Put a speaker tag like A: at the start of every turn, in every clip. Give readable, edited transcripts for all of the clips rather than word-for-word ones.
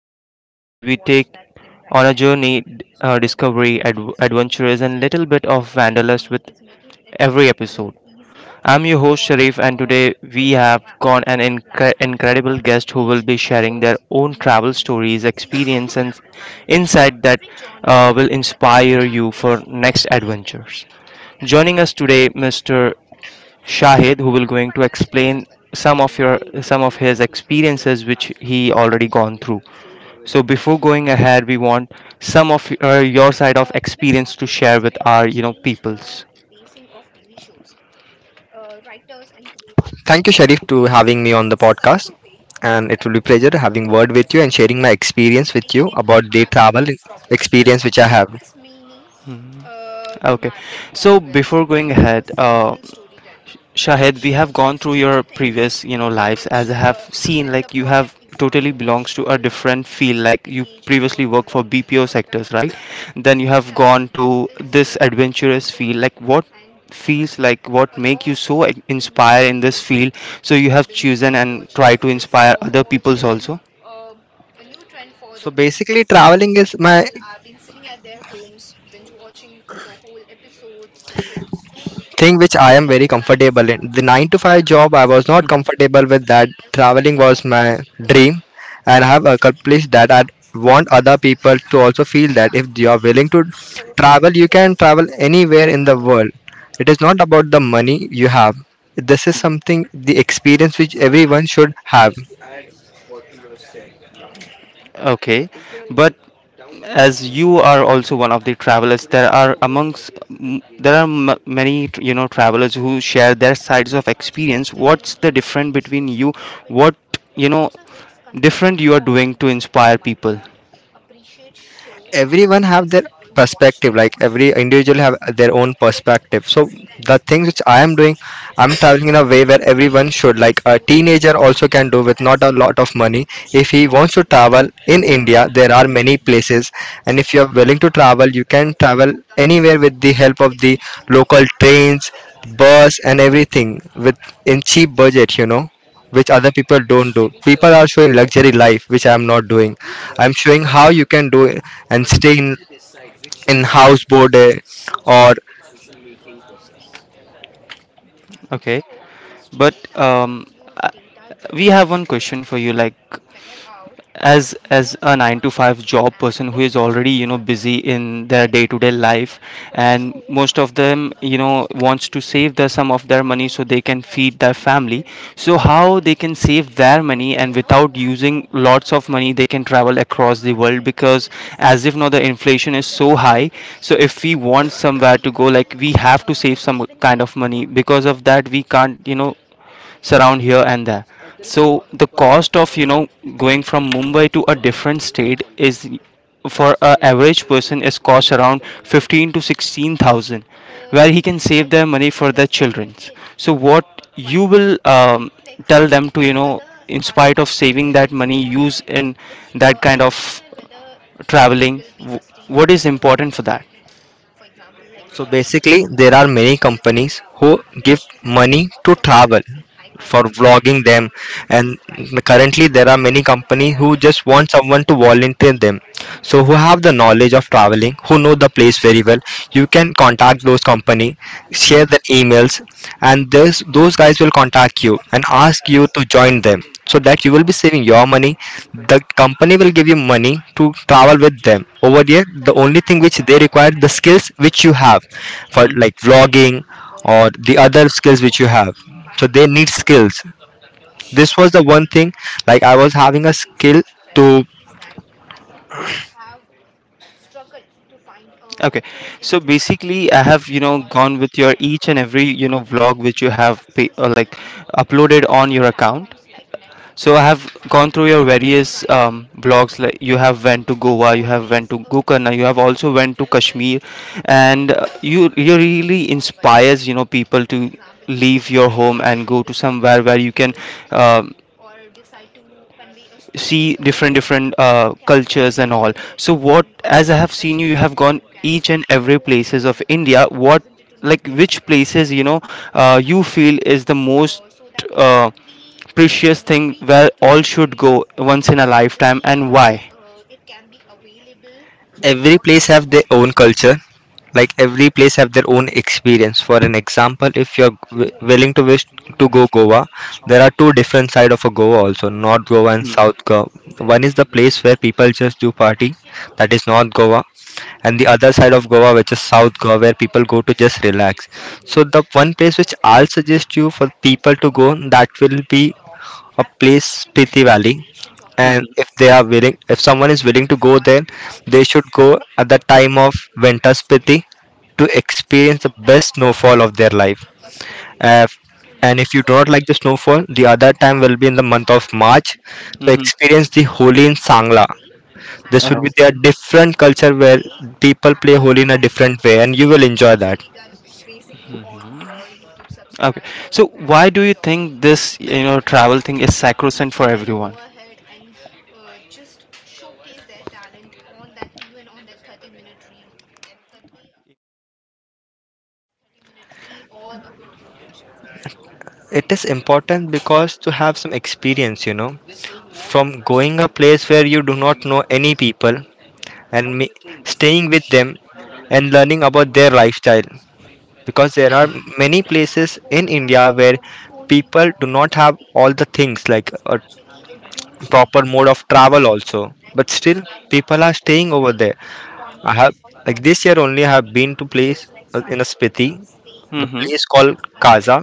A: with Sharif, where we take on a journey, discovery, adventurous, and little bit of wanderlust with every episode. I'm your host Sharif, and today we have got an incredible guest who will be sharing their own travel stories, experience, and insight that will inspire you for next adventures. Joining us today, Mr. Shahid, who will going to explain some of your some of his experiences which he already gone through. So before going ahead, we want some of your side of experience to share with our peoples.
B: Thank you, Sharif, to having me on the podcast. And it will be pleasure having word with you and sharing my experience with you about the travel experience which I have.
A: Mhm. Okay. So before going ahead, Shahid, we have gone through your previous, you know, lives as I have seen, like you have totally belongs to a different field. Like you previously worked for BPO sectors, right? Then you have gone to this adventurous field. Like what feels like what make you so inspired in this field? So you have chosen and try to inspire other people's also.
B: So basically, traveling is my thing which I am very comfortable in. The 9 to 5 job, I was not comfortable with that. Traveling was my dream, and I have accomplished that. I want other people to also feel that if you are willing to travel, you can travel anywhere in the world. It is not about the money you have. This is something, the experience which everyone should have.
A: Okay, but as you are also one of the travelers there are many you know travelers who share their sides of experience. What's the difference between you, what, you know, different you are doing to inspire people?
B: Everyone have their perspective, like every individual have their own perspective. So the things which I am doing, I'm traveling in a way where everyone should, like a teenager also can do with not a lot of money. If he wants to travel in india, there are many places, and if you are willing to travel, you can travel anywhere with the help of the local trains, bus and everything with in cheap budget, you know, which other people don't do. People are showing luxury life, which I am not doing. I'm showing how you can do it and stay in house boarded or.
A: Okay, but I- we have one question for you, like as a 9 to 5 job person who is already, you know, busy in their day to day life, and most of them, you know, wants to save their some of their money so they can feed their family. So how they can save their money and without using lots of money they can travel across the world? Because as if now the inflation is so high, so if we want somewhere to go, like we have to save some kind of money, because of that we can't, you know, surround here and there. So the cost of, you know, going from Mumbai to a different state is for a average person is cost around 15 to 16 thousand, where he can save their money for their children. So what you will tell them to, you know, in spite of saving that money use in that kind of traveling? What is important for that?
B: So basically, there are many companies who give money to travel for vlogging them, and currently there are many companies who just want someone to volunteer them. So who have the knowledge of traveling, who know the place very well, you can contact those company, share their emails, and those guys will contact you and ask you to join them, so that you will be saving your money. The company will give you money to travel with them. Over here, the only thing which they require, the skills which you have, for like vlogging or the other skills which you have, so they need skills. This was the one thing, like I was having a skill to.
A: Okay, so basically, I have, you know, gone with your each and every, you know, vlog which you have like uploaded on your account. So I have gone through your various vlogs. Like you have went to Goa, you have went to Gokarna, you have also went to Kashmir, and you really inspires, you know, people to leave your home and go to somewhere where you can, uh, see different different cultures and all. So what, as I have seen, you have gone each and every places of India. What, like which places, you know, you feel is the most uh, precious thing where all should go once in a lifetime, and why?
B: Every place have their own culture, like every place have their own experience. For an example, if willing to wish to go goa, there are two different side of a goa also, north goa and
A: Mm-hmm.
B: south goa. One is the place where people just do party, that is north goa, and the other side of goa which is south goa, where people go to just relax. So the one place which I'll suggest you for people to go, that will be a place Spiti Valley. And if they are willing, if someone is willing to go there, they should go at the time of winter Spiti to experience the best snowfall of their life. Uh, and if you do not like the snowfall, the other time will be in the month of March to experience the Holi in Sangla. This will be their
A: Mm-hmm.
B: different culture where people play Holi in a different way, and you will enjoy that.
A: Mhm. Okay. So why do you think this, you know, travel thing is sacrosanct for everyone?
B: It is important because to have some experience, you know, from going a place where you do not know any people and staying with them and learning about their lifestyle, because there are many places in india where people do not have all the things, like a proper mode of travel also. But still, people are staying over there. I have, like this year only, I have been to place in a spiti, the
A: Mm-hmm.
B: place called kaza.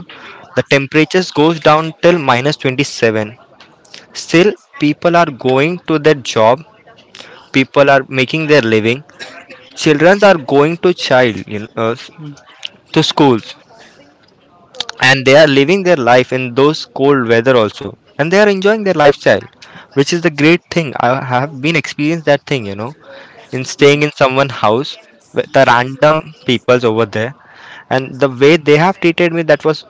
B: The temperatures goes down till minus 27. Still, people are going to their job, people are making their living, children are going to child you know, s- to schools, and they are living their life in those cold weather also, and they are enjoying their lifestyle, which is the great thing. I have been experienced that thing, you know, in staying in someone house with the random peoples over there, and the way they have treated me, that was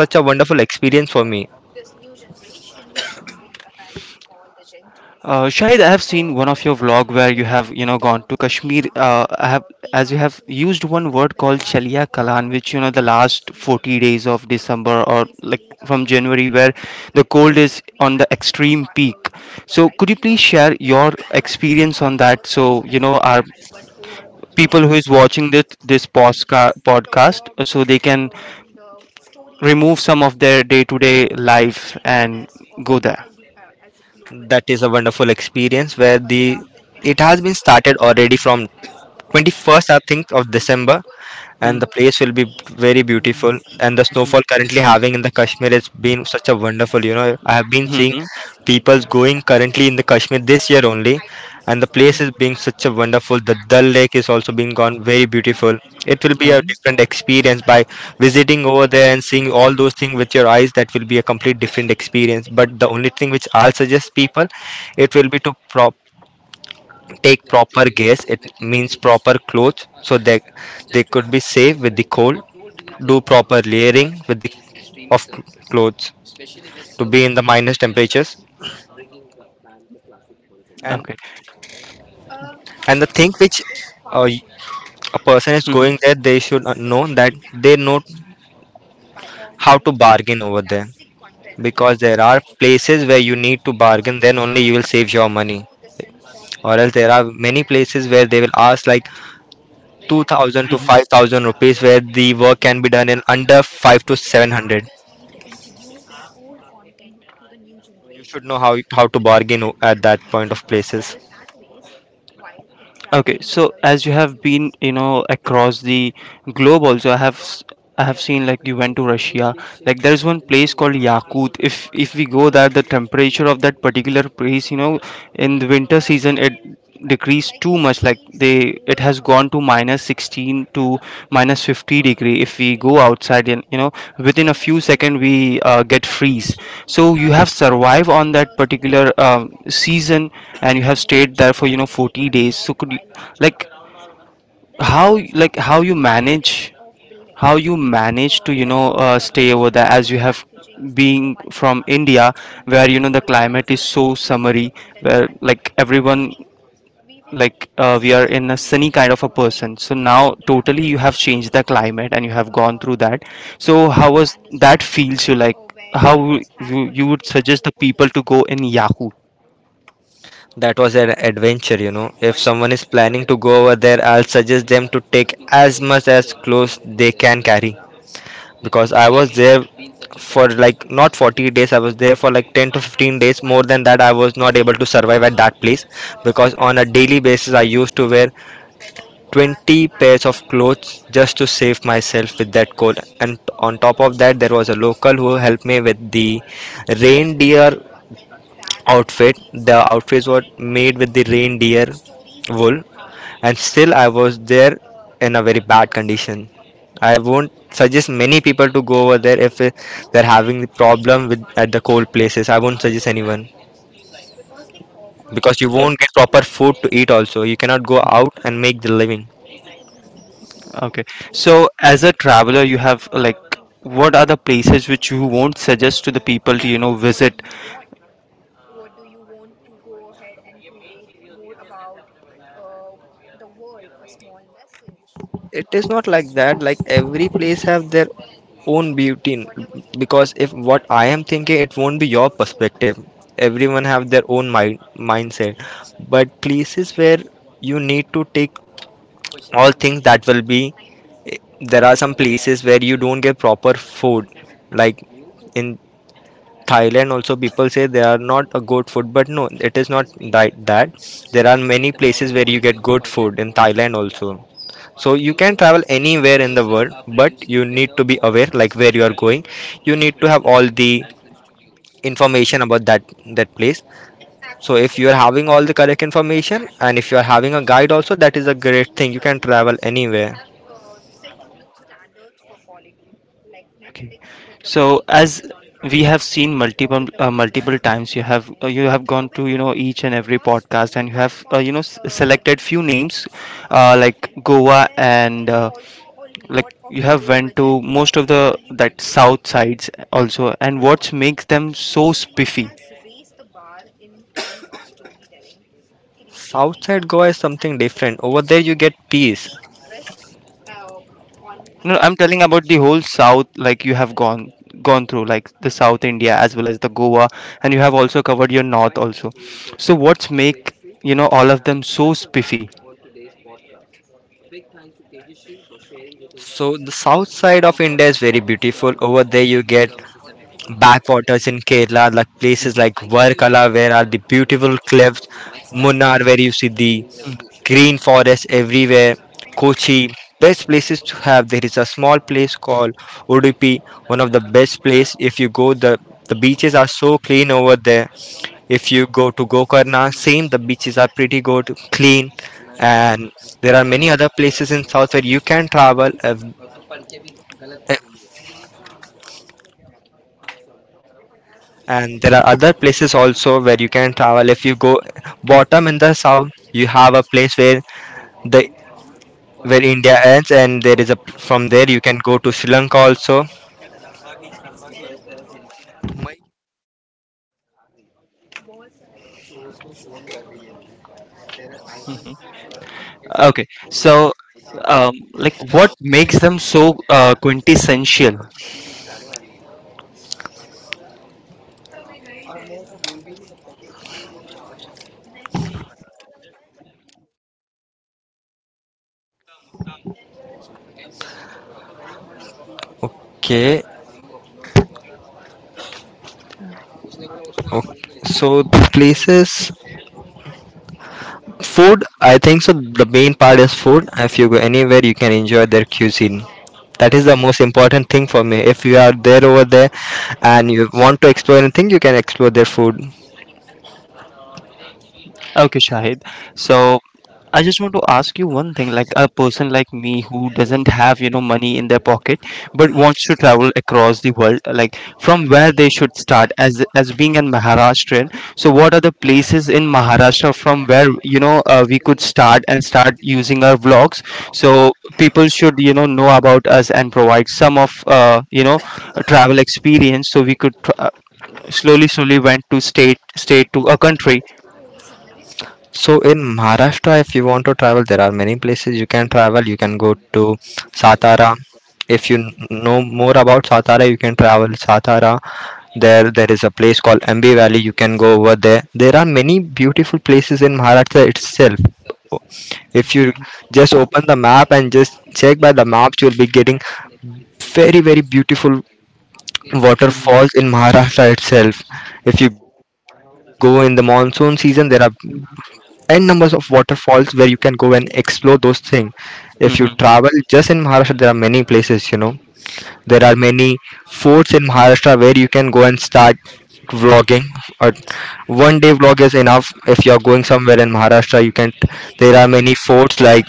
B: such a wonderful experience for me.
A: Shahid, I have seen one of your vlog where you have, you know, gone to Kashmir. As you have used one word called Chalia Kalan, which you know the last 40 days of December or like from January, where the cold is on the extreme peak. So, could you please share your experience on that? So, you know, our people who is watching this podcast, so they can remove some of their day-to-day life and go there.
B: That is a wonderful experience where the it has been started already from 21st, I think, of december,
A: Hmm.
B: and the place will be very beautiful, and the snowfall currently having in the kashmir has been such a wonderful, you know, I have been
A: Hmm,
B: seeing
A: hmm.
B: people going currently in the kashmir this year only, and the place is being such a wonderful. The dal lake is also being gone very beautiful. It will be a
A: Um,
B: different experience by visiting over there and seeing all those things with your eyes. That will be a complete different experience. But the only thing which I'll suggest people, it will be to take proper guess it, means proper clothes, so that they could be safe with the cold. Do proper layering with the of clothes to be in the minus temperatures. and
A: okay.
B: and the thing which, uh, a person is
A: Mhm.
B: going there, they should know that, they know how to bargain over there, because there are places where you need to bargain, then only you will save your money. Or else there are many places where they will ask like 2,000 to
A: Mhm.
B: 5,000 rupees where the work can be done in under 5 to 700. You should know how to bargain at that point of places.
A: Okay, Mhm. So as you have been, you know, across the globe also, I have I have seen like you went to Russia. Like there's one place called Yakut. If we go there, the temperature of that particular place, you know, in the winter season it decreased too much. Like they it has gone to minus 16 to minus 50 degree if we go outside, and you know, within a few seconds we get freeze. So you have survived on that particular season, and you have stayed there for, you know, 40 days. So could you, like how, like how you manage to, you know, stay over there? As you have being from India, where you know the climate is so summery, where like everyone, like we are in a sunny kind of a person, so now totally you have changed the climate and you have gone through that. So how was that feels you, like how you would suggest the people to go in yahoo
B: That was an adventure, you know. If someone is planning to go over there, I'll suggest them to take as much as clothes they can carry, because I was there for like not 40 days, I was there for like 10 to 15 days. More than that, I was not able to survive at that place, because on a daily basis, I used to wear 20 pairs of clothes just to save myself with that cold. And on top of that, there was a local who helped me with the reindeer outfit. The outfits were made with the reindeer wool, and still, I was there in a very bad condition. I won't suggest many people to go over there if they're having the problem with at the cold places. I won't suggest anyone, because you
A: Right.
B: won't get proper food to eat also. You cannot go out and make the living.
A: Okay, so as a traveler you have, like what are the places which you won't suggest to the people to, you know, visit?
B: It is not like that. Like every place have their own beauty because if what I am thinking, it won't be your perspective. Everyone have their own mindset. But places where you need to take all things, that will be eh, there are some places where you don't get proper food, like in Thailand also people say they are not a good food, but no, it is not that. There are many places where you get good food in Thailand also. So you can travel anywhere in the world, but you need to be aware like where you are going. You need to have all the information about that place. So if you are having all the correct information, and if you are having a guide also, that is a great thing. You can travel anywhere.
A: Okay, so as we have seen multiple times you have gone to, you know, each and every podcast, and you have, selected few names, like Goa and like you have went to most of the that south sides also, and what makes them so spiffy?
B: South side Goa is something different. Over there you get peace.
A: No, I'm telling about the whole South, like you have gone through, like the South India as well as the Goa, and you have also covered your North also. So what's make, you know, all of them so spiffy?
B: So the south side of India is very beautiful. Over there you get backwaters in Kerala, like places like Varkala where are the beautiful cliffs, Munnar where you see the
A: Mhm.
B: green forest everywhere, Kochi. Best places to have. There is a small place called Udupi, one of the best place. If you go, the beaches are so clean over there. If you go to Gokarna, same the beaches are pretty good, clean, and there are many other places in South where you can travel. If and there are other places also where you can travel. If you go bottom in the south, you have a place where the where india ends, and there is a, from there you can go to sri lanka also.
A: Mhm. Okay, so like what makes them so quintessential?
B: Okay, okay, so the places, food, I think so the main part is food. If you go anywhere, you can enjoy their cuisine. That is the most important thing for me. If you are there over there and you want to explore anything, you can explore their food.
A: Okay, Shahid. So I just want to ask you one thing, like a person like me who doesn't have, you know, money in their pocket but wants to travel across the world, like from where they should start as being an Maharashtrian. So what are the places in Maharashtra from where, you know, we could start and start using our vlogs, so people should, you know about us and provide some of, a travel experience, so we could slowly slowly went to state, state to a country.
B: So in Maharashtra, if you want to travel, there are many places you can travel. You can go to Satara. If you know more about Satara, you can travel Satara. There is a place called Ambi Valley. You can go over there. There are many beautiful places in Maharashtra itself. If you just open the map and just check by the maps, you'll be getting very, very beautiful
A: Mhm.
B: waterfalls in Maharashtra itself. If you go in the monsoon season, there are n numbers of waterfalls where you can go and explore those things. If you
A: Mm-hmm.
B: travel just in Maharashtra, there are many places, you know. There are many forts in Maharashtra where you can go and start vlogging, or one day vlog is enough if you are going somewhere in Maharashtra you can, there are many forts like,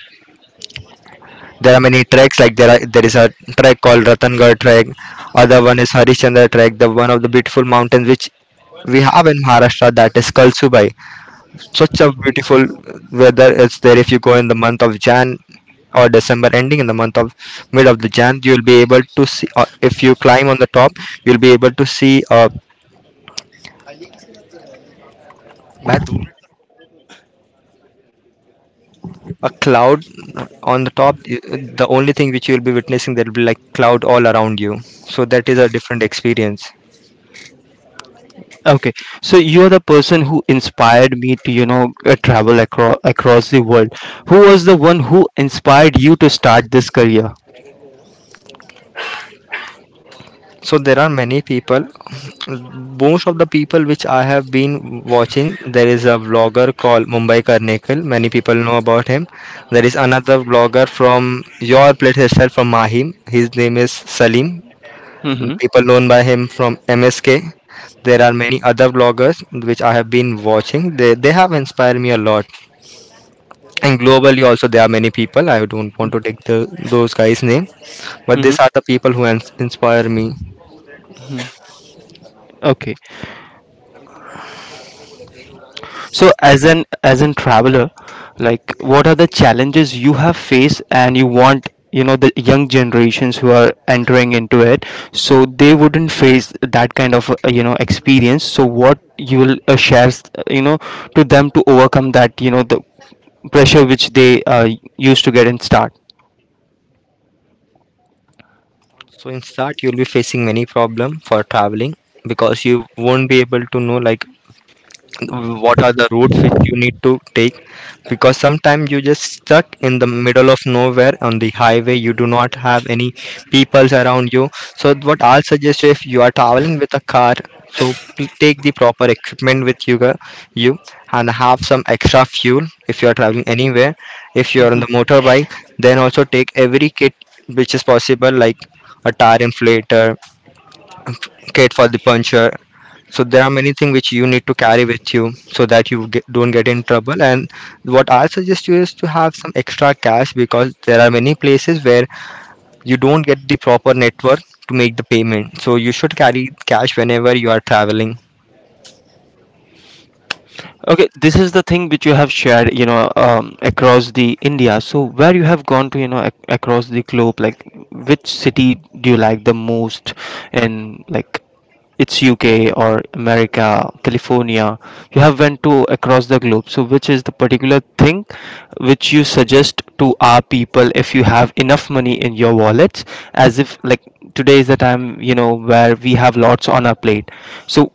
B: there are many treks like, there is a trek called Ratangarh trek. Other one is Harishchandra trek. The one of the beautiful mountains which we have in Maharashtra, that is Kalsubai. Such a beautiful weather is there. If you go in the month of Jan or December ending, in the month of mid of the Jan, you'll be able to see, if you climb on the top, you'll be able to see a bad- a cloud on the top. The only thing which you'll be witnessing there will be like cloud all around you, so that is a different experience.
A: Okay, so you are the person who inspired me to, you know, travel across the world. Who was the one who inspired you to start this career?
B: So there are many people. Most of the people which I have been watching, there is a vlogger called Mumbai Karnikal. Many people know about him. There is another vlogger from your place itself, from Mahim. His name is Salim.
A: Mm-hmm.
B: People known by him from MSK. There are many other vloggers which I have been watching. They have inspired me a lot. And globally also there are many people. I don't want to take the, those guys' name, but these are the people who inspire me.
A: Mm-hmm. Okay, so as an traveler, like what are the challenges you have faced, and you want, you know, the young generations who are entering into it, so they wouldn't face that kind of you know experience. So what you will share, you know, to them to overcome that, you know, the pressure which they used to get in start.
B: So in start, you'll be facing many problem for traveling, because you won't be able to know like what are the routes which you need to take, because sometimes you just stuck in the middle of nowhere on the highway. You do not have any peoples around you. So what I'll suggest you, if you are traveling with a car, so take the proper equipment with you, you, and have some extra fuel if you are traveling anywhere. If you are on
A: Mhm.
B: the motorbike, then also take every kit which is possible, like a tire inflator, kit for the puncture. So there are many things which you need to carry with you, so that you get, don't get in trouble. And what I suggest you is to have some extra cash, because there are many places where you don't get the proper network to make the payment, so you should carry cash whenever you are traveling.
A: Okay, this is the thing which you have shared, you know, across the India. So where you have gone to, you know, across the globe, like which city do you like the most? And like it's UK or America, California. You have went to across the globe. So which is the particular thing which you suggest to our people if you have enough money in your wallets? As if like today is the time, you know, where we have lots on our plate. So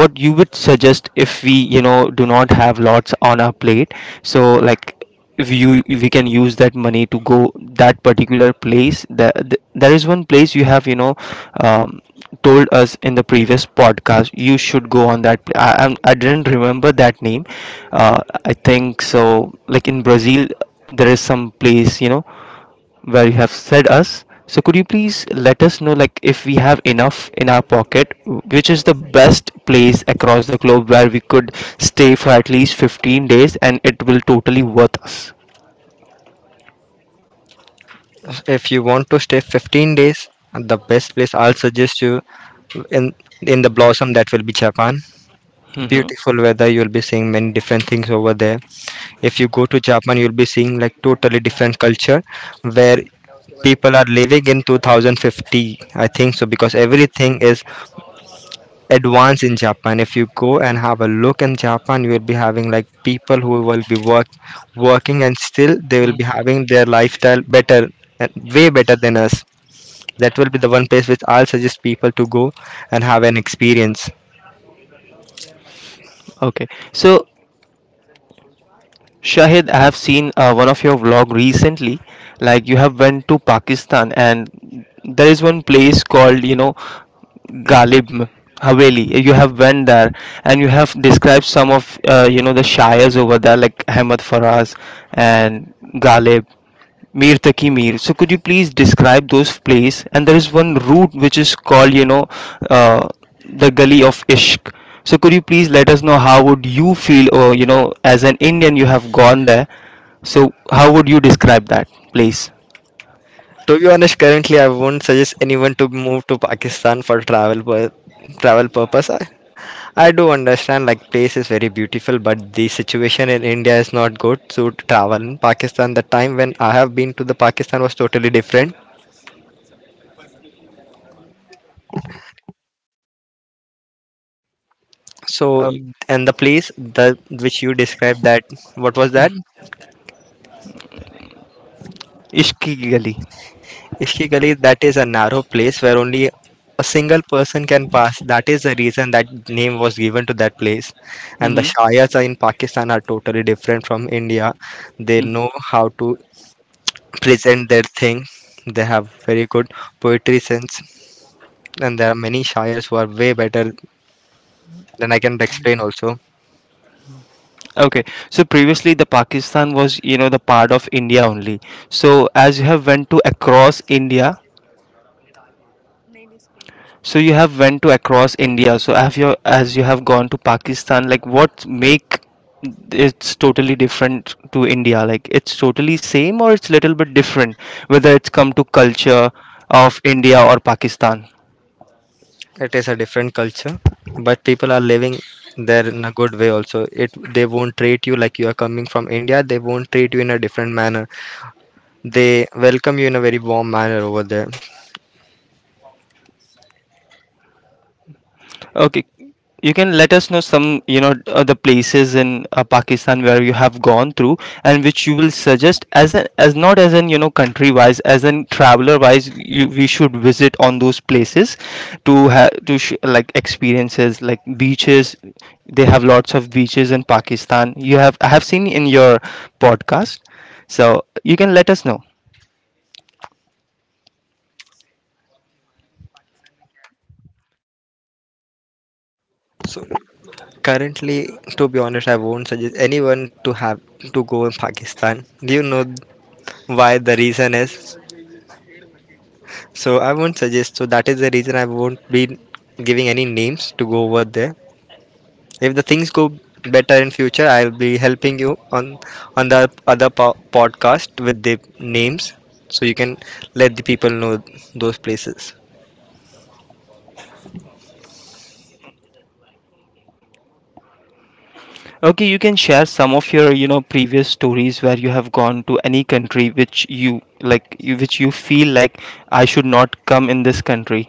A: what you would suggest if we, you know, do not have lots on our plate, so like if we can use that money to go that particular place, that there is one place you have, you know, um, told us in the previous podcast you should go on that I didn't remember that name. I think so, like in Brazil there is some place, you know, where you have said us. So could you please let us know, like if we have enough in our pocket, which is the best place across the globe where we could stay for at least 15 days, and it will totally worth us.
B: If you want to stay 15 days, the best place I'll suggest you, in in the blossom, that will be Japan.
A: Mm-hmm.
B: Beautiful weather, you'll be seeing many different things over there. If you go to Japan, you'll be seeing like totally different culture, where people are living in 2050, I think so, because everything is advanced in Japan. If you go and have a look in Japan, you will be having like people who will be working and still they will be having their lifestyle better, and way better than us. That will be the one place which I'll suggest people to go and have an experience.
A: Okay. So Shahid, I have seen one of your vlog recently. Like you have went to Pakistan, and there is one place called, you know, Galib Haveli. You have went there, and you have described some of, you know, the shires over there, like Ahmed Faraz and Galib. Mir Taki Mir. So could you please describe those place? And there is one route which is called, you know, uh, the Gully of Ishq. So could you please let us know how would you feel, or you know, as an Indian, you have gone there. So how would you describe that place?
B: To be honest, currently I won't suggest anyone to move to Pakistan for travel purpose. I do understand like place is very beautiful, but the situation in India is not good. So, to travel. In Pakistan, the time when I have been to the Pakistan was totally different. So,
A: Uh,
B: and the place the which you described, that what was that?
A: Ishq Ki Gully.
B: Ishki Gully, that is a narrow place where only a single person can pass. That is the reason that name was given to that place. And the
A: Hmm.
B: shayas are in Pakistan are totally different from India. They
A: Hmm.
B: know how to present their thing. They have very good poetry sense, and there are many shires who are way better than I can explain also.
A: Okay. So previously the Pakistan was, you know, the part of India only. So as you have went to across India, So you have went to across India. So have you, as you have gone to Pakistan, like what make it's totally different to India? Like it's totally same or it's little bit different, whether it's come to culture of India or Pakistan.
B: It is a different culture, but people are living there in a good way also. It they won't treat you like you are coming from India. They won't treat you in a different manner. They welcome you in a very warm manner over there.
A: Okay, you can let us know some, you know, the places in Pakistan where you have gone through, and which you will suggest as an as not as an, you know, country wise, as an traveler wise, we should visit on those places to have to like experiences like beaches. They have lots of beaches in Pakistan. You have I have seen in your podcast, so you can let us know.
B: So currently, to be honest, I won't suggest anyone to have to go in Pakistan. Do you know why the reason is? So I won't suggest. So that is the reason I won't be giving any names to go over there. If the things go better in future, I'll be helping you on the other podcast with the names, so you can let the people know those places.
A: Okay, you can share some of your, you know, previous stories where you have gone to any country which you like, which you feel like I should not come in this country.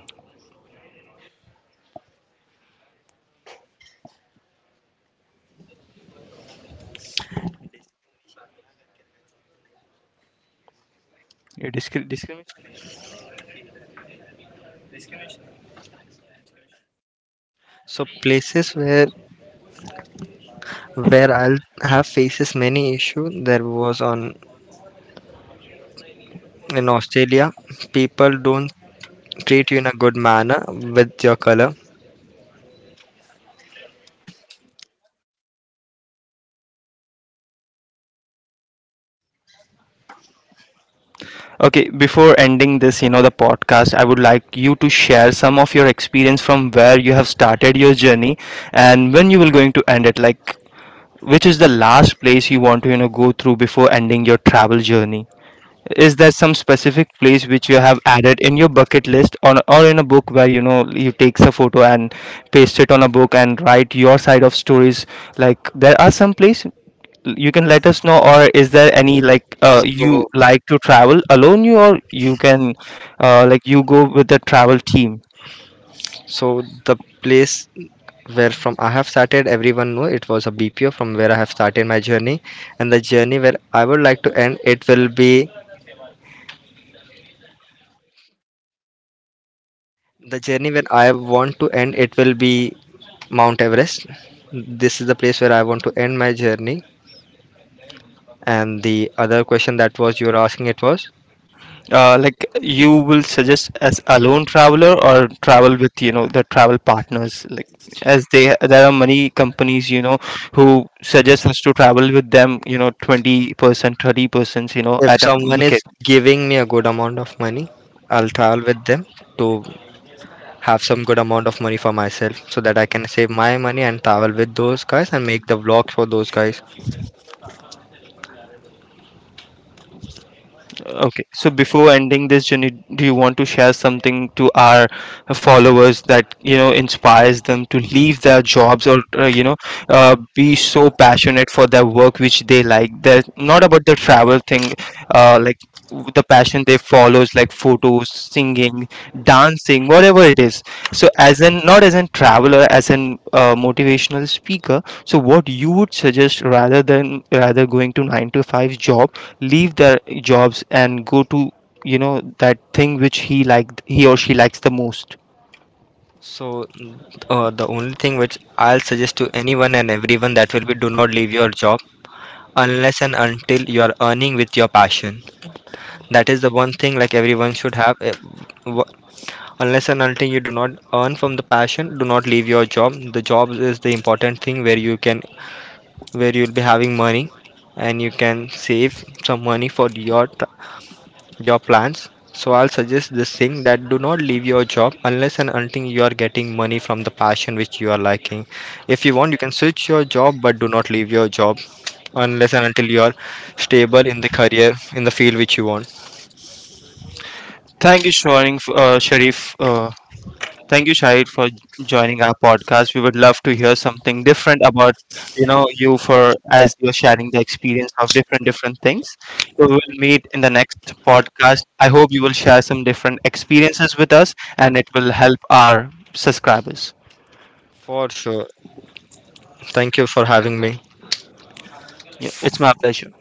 A: You discriminate.
B: So places where I'll have faces many issue, there was on, in Australia, people don't treat you in a good manner with your color.
A: Okay, before ending this, you know, the podcast, I would like you to share some of your experience from where you have started your journey, and when you will going to end it. Like, which is the last place you want to, you know, go through before ending your travel journey? Is there some specific place which you have added in your bucket list, or in a book where, you know, you takes a photo and paste it on a book and write your side of stories? Like there are some place you can let us know, or is there any, like you
B: So
A: like to travel alone, you, or you can like you go with the travel team?
B: so the place where from I have started, everyone know it was a BPO from where I have started my journey, and the journey where I would like to end it will be, the journey where I want to end it will be Mount Everest. This is the place where I want to end my journey. And the other question that was you were asking, it was,
A: Like you will suggest as alone traveler or travel with, you know, the travel partners, like as they there are many companies, you know, who suggest us to travel with them, you know, 20%, 30%, you know,
B: if
A: at a
B: someone is
A: bucket.
B: giving me a good amount of money, I'll travel with them to have some good amount of money for myself, so that I can save my money and travel with those guys and make the vlog for those guys.
A: Okay, so before ending this, journey, do you want to share something to our followers that, you know, inspires them to leave their jobs or, be so passionate for their work which they like? That not about the travel thing, like the
B: The passion
A: passion they
B: involved
A: follows, like
B: in
A: photos,
B: cooking,
A: singing, dancing,
B: dancing,
A: whatever it
B: whatever.
A: is. So,
B: So, as
A: as an not as a traveler, as an motivational speaker. So, what you would suggest rather than rather going to 9 to 5 job, leave their jobs and go to, you know, that thing which he or she likes the most?
B: the only thing which I'll suggest to anyone and everyone, that will be, do not leave your job unless and until you are earning with your passion. That is the one thing like everyone should have. Wh- Unless and until you do not earn from the passion, do not leave your job. The job is the important thing where you can, where you'll be having money and you can save some money for your plans. So I'll suggest this thing that do not leave your job unless and until you are getting money from the passion which you are liking. If you want, you can switch your job, but do not leave your job unless and until you are stable in the career in the field which you want.
A: Thank you sharing, Sharif, thank you Shahid for joining our podcast. We would love to hear something different about, you know, you, for as you're sharing the experience of different different things. So we'll meet in the next podcast. I hope you will share some different experiences with us, and it will help our subscribers.
B: For sure. Thank you for having me.
A: Yeah, it's my pleasure.